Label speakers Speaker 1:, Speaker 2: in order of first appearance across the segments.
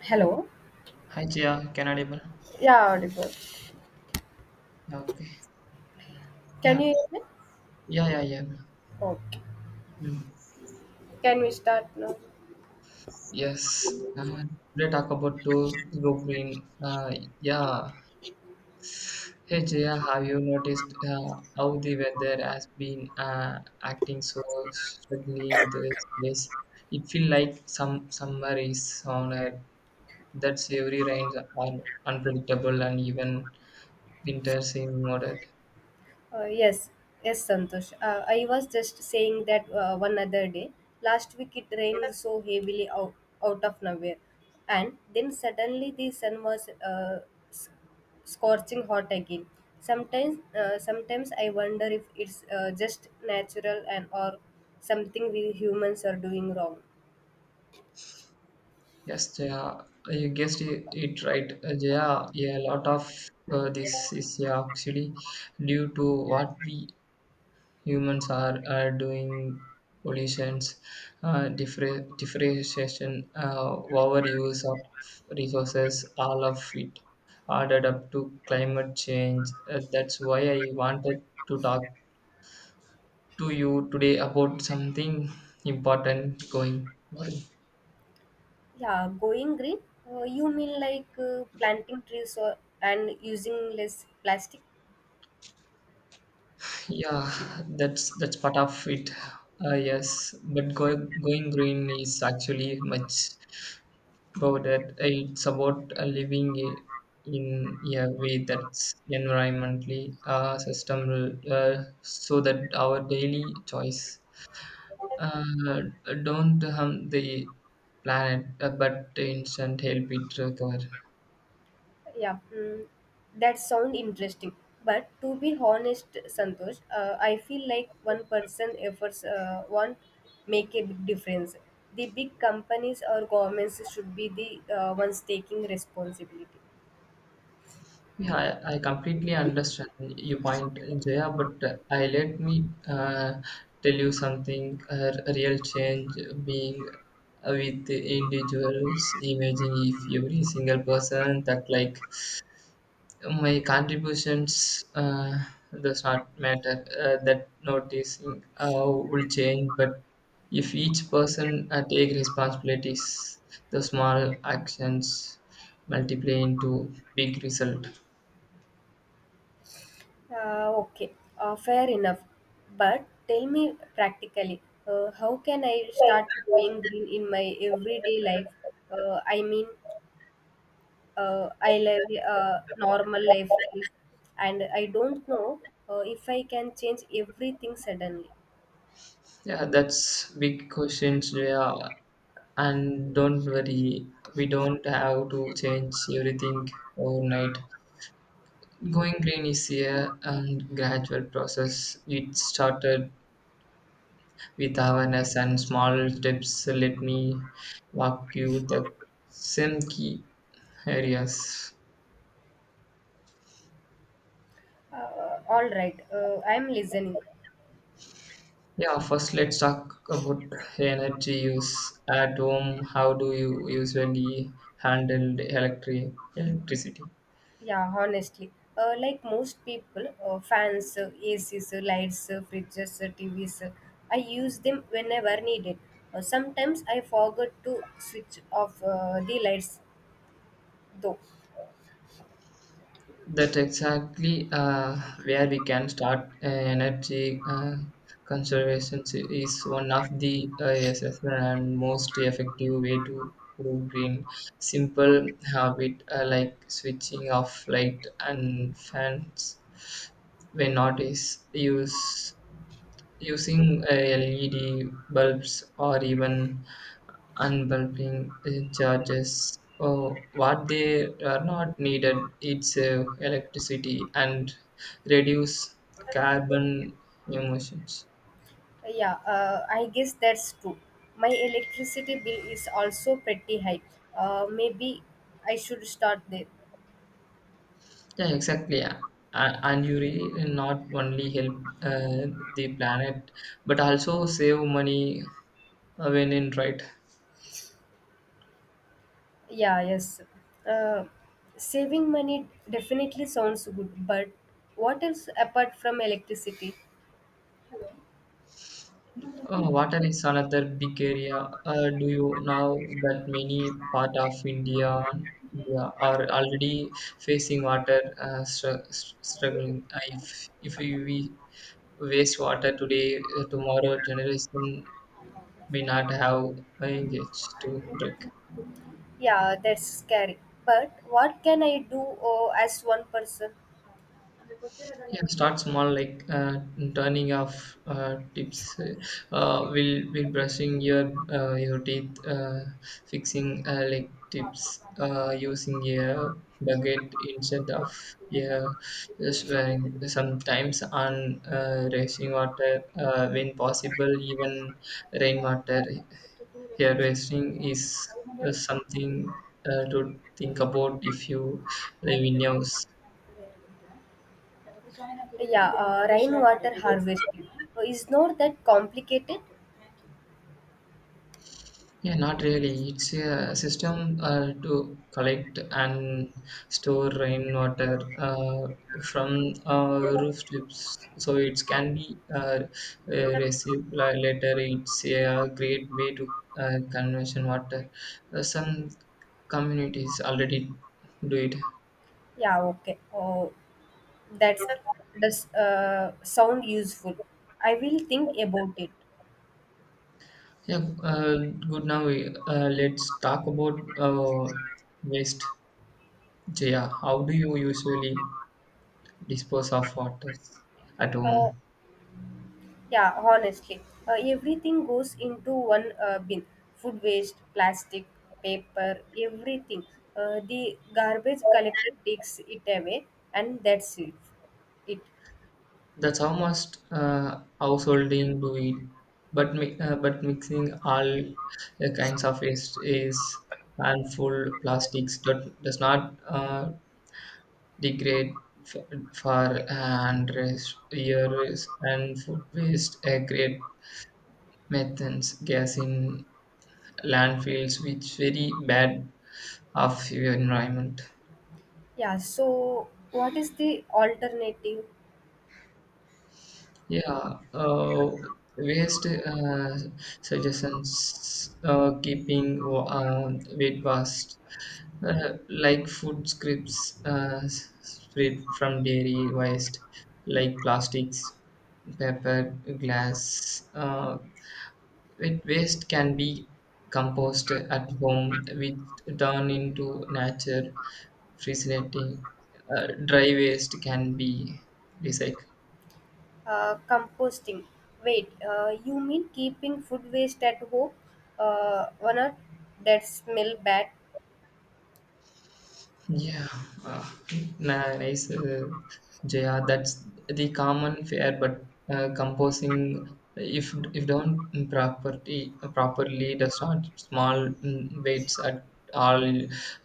Speaker 1: Hello.
Speaker 2: Hi Jia, can I even?
Speaker 1: Yeah, audible.
Speaker 2: Yeah, okay.
Speaker 1: Can
Speaker 2: Yeah,
Speaker 1: you hear me?
Speaker 2: yeah, yeah, yeah.
Speaker 1: Okay.
Speaker 2: Mm.
Speaker 1: Can we start now?
Speaker 2: Yes. Uh, Today talk about to go green. Yeah. Hey Jia, have you noticed how the weather has been acting so strangely in these days? It feels like some summer is on Earth. That's every rains are unpredictable and even winter seem moderate.
Speaker 1: Yes. Yes, Santosh. I was just saying that one other day. Last week it rained so heavily out of nowhere. And then suddenly the sun was s- scorching hot again. Sometimes I wonder if it's just natural and or something we humans are doing wrong.
Speaker 2: Yes, Jaya, you guessed it right. Jaya, a lot of this is yeah, actually due to what we humans are doing pollutions, differentiation, overuse of resources, all of it added up to climate change. That's why I wanted to talk to you today about something important going on.
Speaker 1: Yeah, going green. You mean like planting trees, and using less plastic?
Speaker 2: Yeah, that's part of it. Yes, but going green is actually much about it. It's about living in a way that's environmentally sustainable, so that our daily choice uh, don't harm the planet, but instead help it recover.
Speaker 1: Yeah, mm, that sound interesting. But to be honest, Santosh, I feel like one person efforts won't make a big difference. The big companies or governments should be the ones taking responsibility.
Speaker 2: Yeah, I completely understand your point, Jaya, but I let me tell you something. Real change being with the individuals. Imagine if every single person that like my contributions does not matter. That noticing will change, but if each person take responsibilities, the small actions multiply into big result.
Speaker 1: Okay, fair enough. But tell me practically, how can I start growing green in my everyday life? I mean, I live a normal life, and I don't know if I can change everything suddenly.
Speaker 2: Yeah, that's big questions. Yeah, and don't worry, we don't have to change everything overnight. Going green is a and gradual process. It started with awareness and small steps. Let me walk you the some key areas.
Speaker 1: All right, I'm listening.
Speaker 2: Yeah, first let's talk about energy use at home. How do you usually handle the electricity?
Speaker 1: Yeah, honestly. Like most people, fans, ACs, lights, fridges, TVs, I use them whenever needed. Sometimes I forget to switch off the lights though.
Speaker 2: That's exactly where we can start. Energy conservation is one of the essential and most effective way to go green. Simple habit like switching off light and fans when not is use using LED bulbs or even unbundling charges oh, what they are not needed it's electricity and reduce carbon emissions
Speaker 1: Yeah, I guess that's true. My electricity bill is also pretty high. Maybe I should start there.
Speaker 2: yeah exactly yeah. And you really not only help uh, the planet but also save money when in right.
Speaker 1: Yeah, yes. Uh, saving money definitely sounds good, but what else apart from electricity?
Speaker 2: Oh, water is another big area. Do you know that many part of India are already facing water struggling? If we waste water today, tomorrow generation may not have engaged to drink.
Speaker 1: Yeah, that's scary. But what can I do as one person?
Speaker 2: Yeah, start small, like turning off tips, will brushing your teeth, fixing like tips, using a bucket instead of yeah, swearing. Sometimes on racing water, when possible, even rainwater. Hair wasting is something to think about if you live in house.
Speaker 1: Yeah, rainwater harvesting. Is not that complicated?
Speaker 2: Yeah, not really. It's a system to collect and store rainwater from rooftops, so it can be received later. It's a great way to conversion water. Some communities already do it.
Speaker 1: Yeah, okay. Oh, that's does sound useful. I will think about it.
Speaker 2: Yeah, good. Now let's talk about waste. Jaya, how do you usually dispose of water at
Speaker 1: Uh,
Speaker 2: home?
Speaker 1: Yeah, honestly, everything goes into one bin. Food waste, plastic, paper, everything. The garbage collector takes it away, and that's it. It.
Speaker 2: That's how must householding do it. But mixing all kinds of waste is harmful. Plastics that does not degrade for and rest years and food waste create methane gas in landfills, which very bad of your environment.
Speaker 1: Yeah. So, what is the alternative?
Speaker 2: Yeah, waste suggestions keeping weight vast, like food scraps spread from dairy waste, like plastics, paper, glass. Wet waste can be composted at home, which turn into nature, fascinating. Dry waste can be recycled.
Speaker 1: Composting. Wait. You mean keeping food waste at home? Or not? That smell bad.
Speaker 2: Yeah, uh, nice, Jaya. That's the common fare, but composing if done properly does not small mm, weights at all.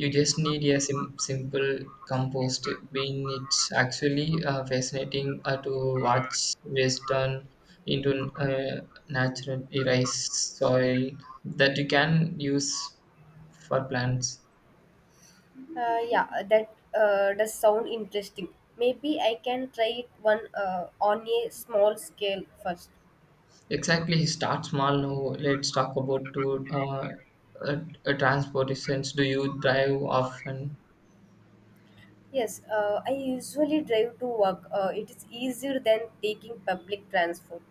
Speaker 2: You just need a simple compost bean. It's actually fascinating to watch waste turn into natural rice soil that you can use for plants.
Speaker 1: Yeah, that does sound interesting. Maybe I can try it one on a small scale first.
Speaker 2: Exactly, he starts small now. Let's talk about to transportations. Do you drive often?
Speaker 1: Yes, I usually drive to work. It is easier than taking public transport.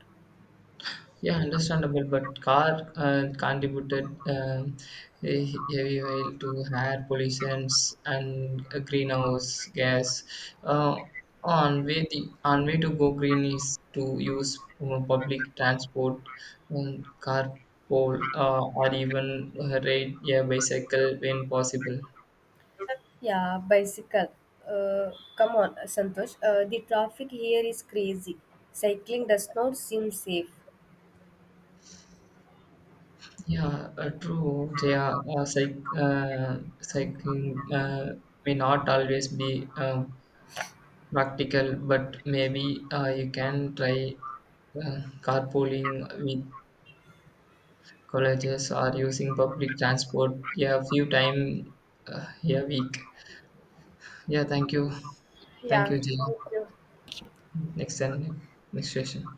Speaker 2: Yeah, understandable, but car contributed heavy oil to air pollutions and greenhouse gas. Uh, on way to go green is to use public transport, carpool, or even ride a bicycle when possible.
Speaker 1: Yeah, bicycle. Uh, Come on, Santosh. The traffic here is crazy. Cycling does not seem safe.
Speaker 2: Yeah, true, Jaya. Cycling may not always be practical, but maybe you can try carpooling with colleges or using public transport yeah, a few time a week. Yeah, thank you. Thank
Speaker 1: Yeah,
Speaker 2: you, Jay.
Speaker 1: thank you.
Speaker 2: Next time, next session.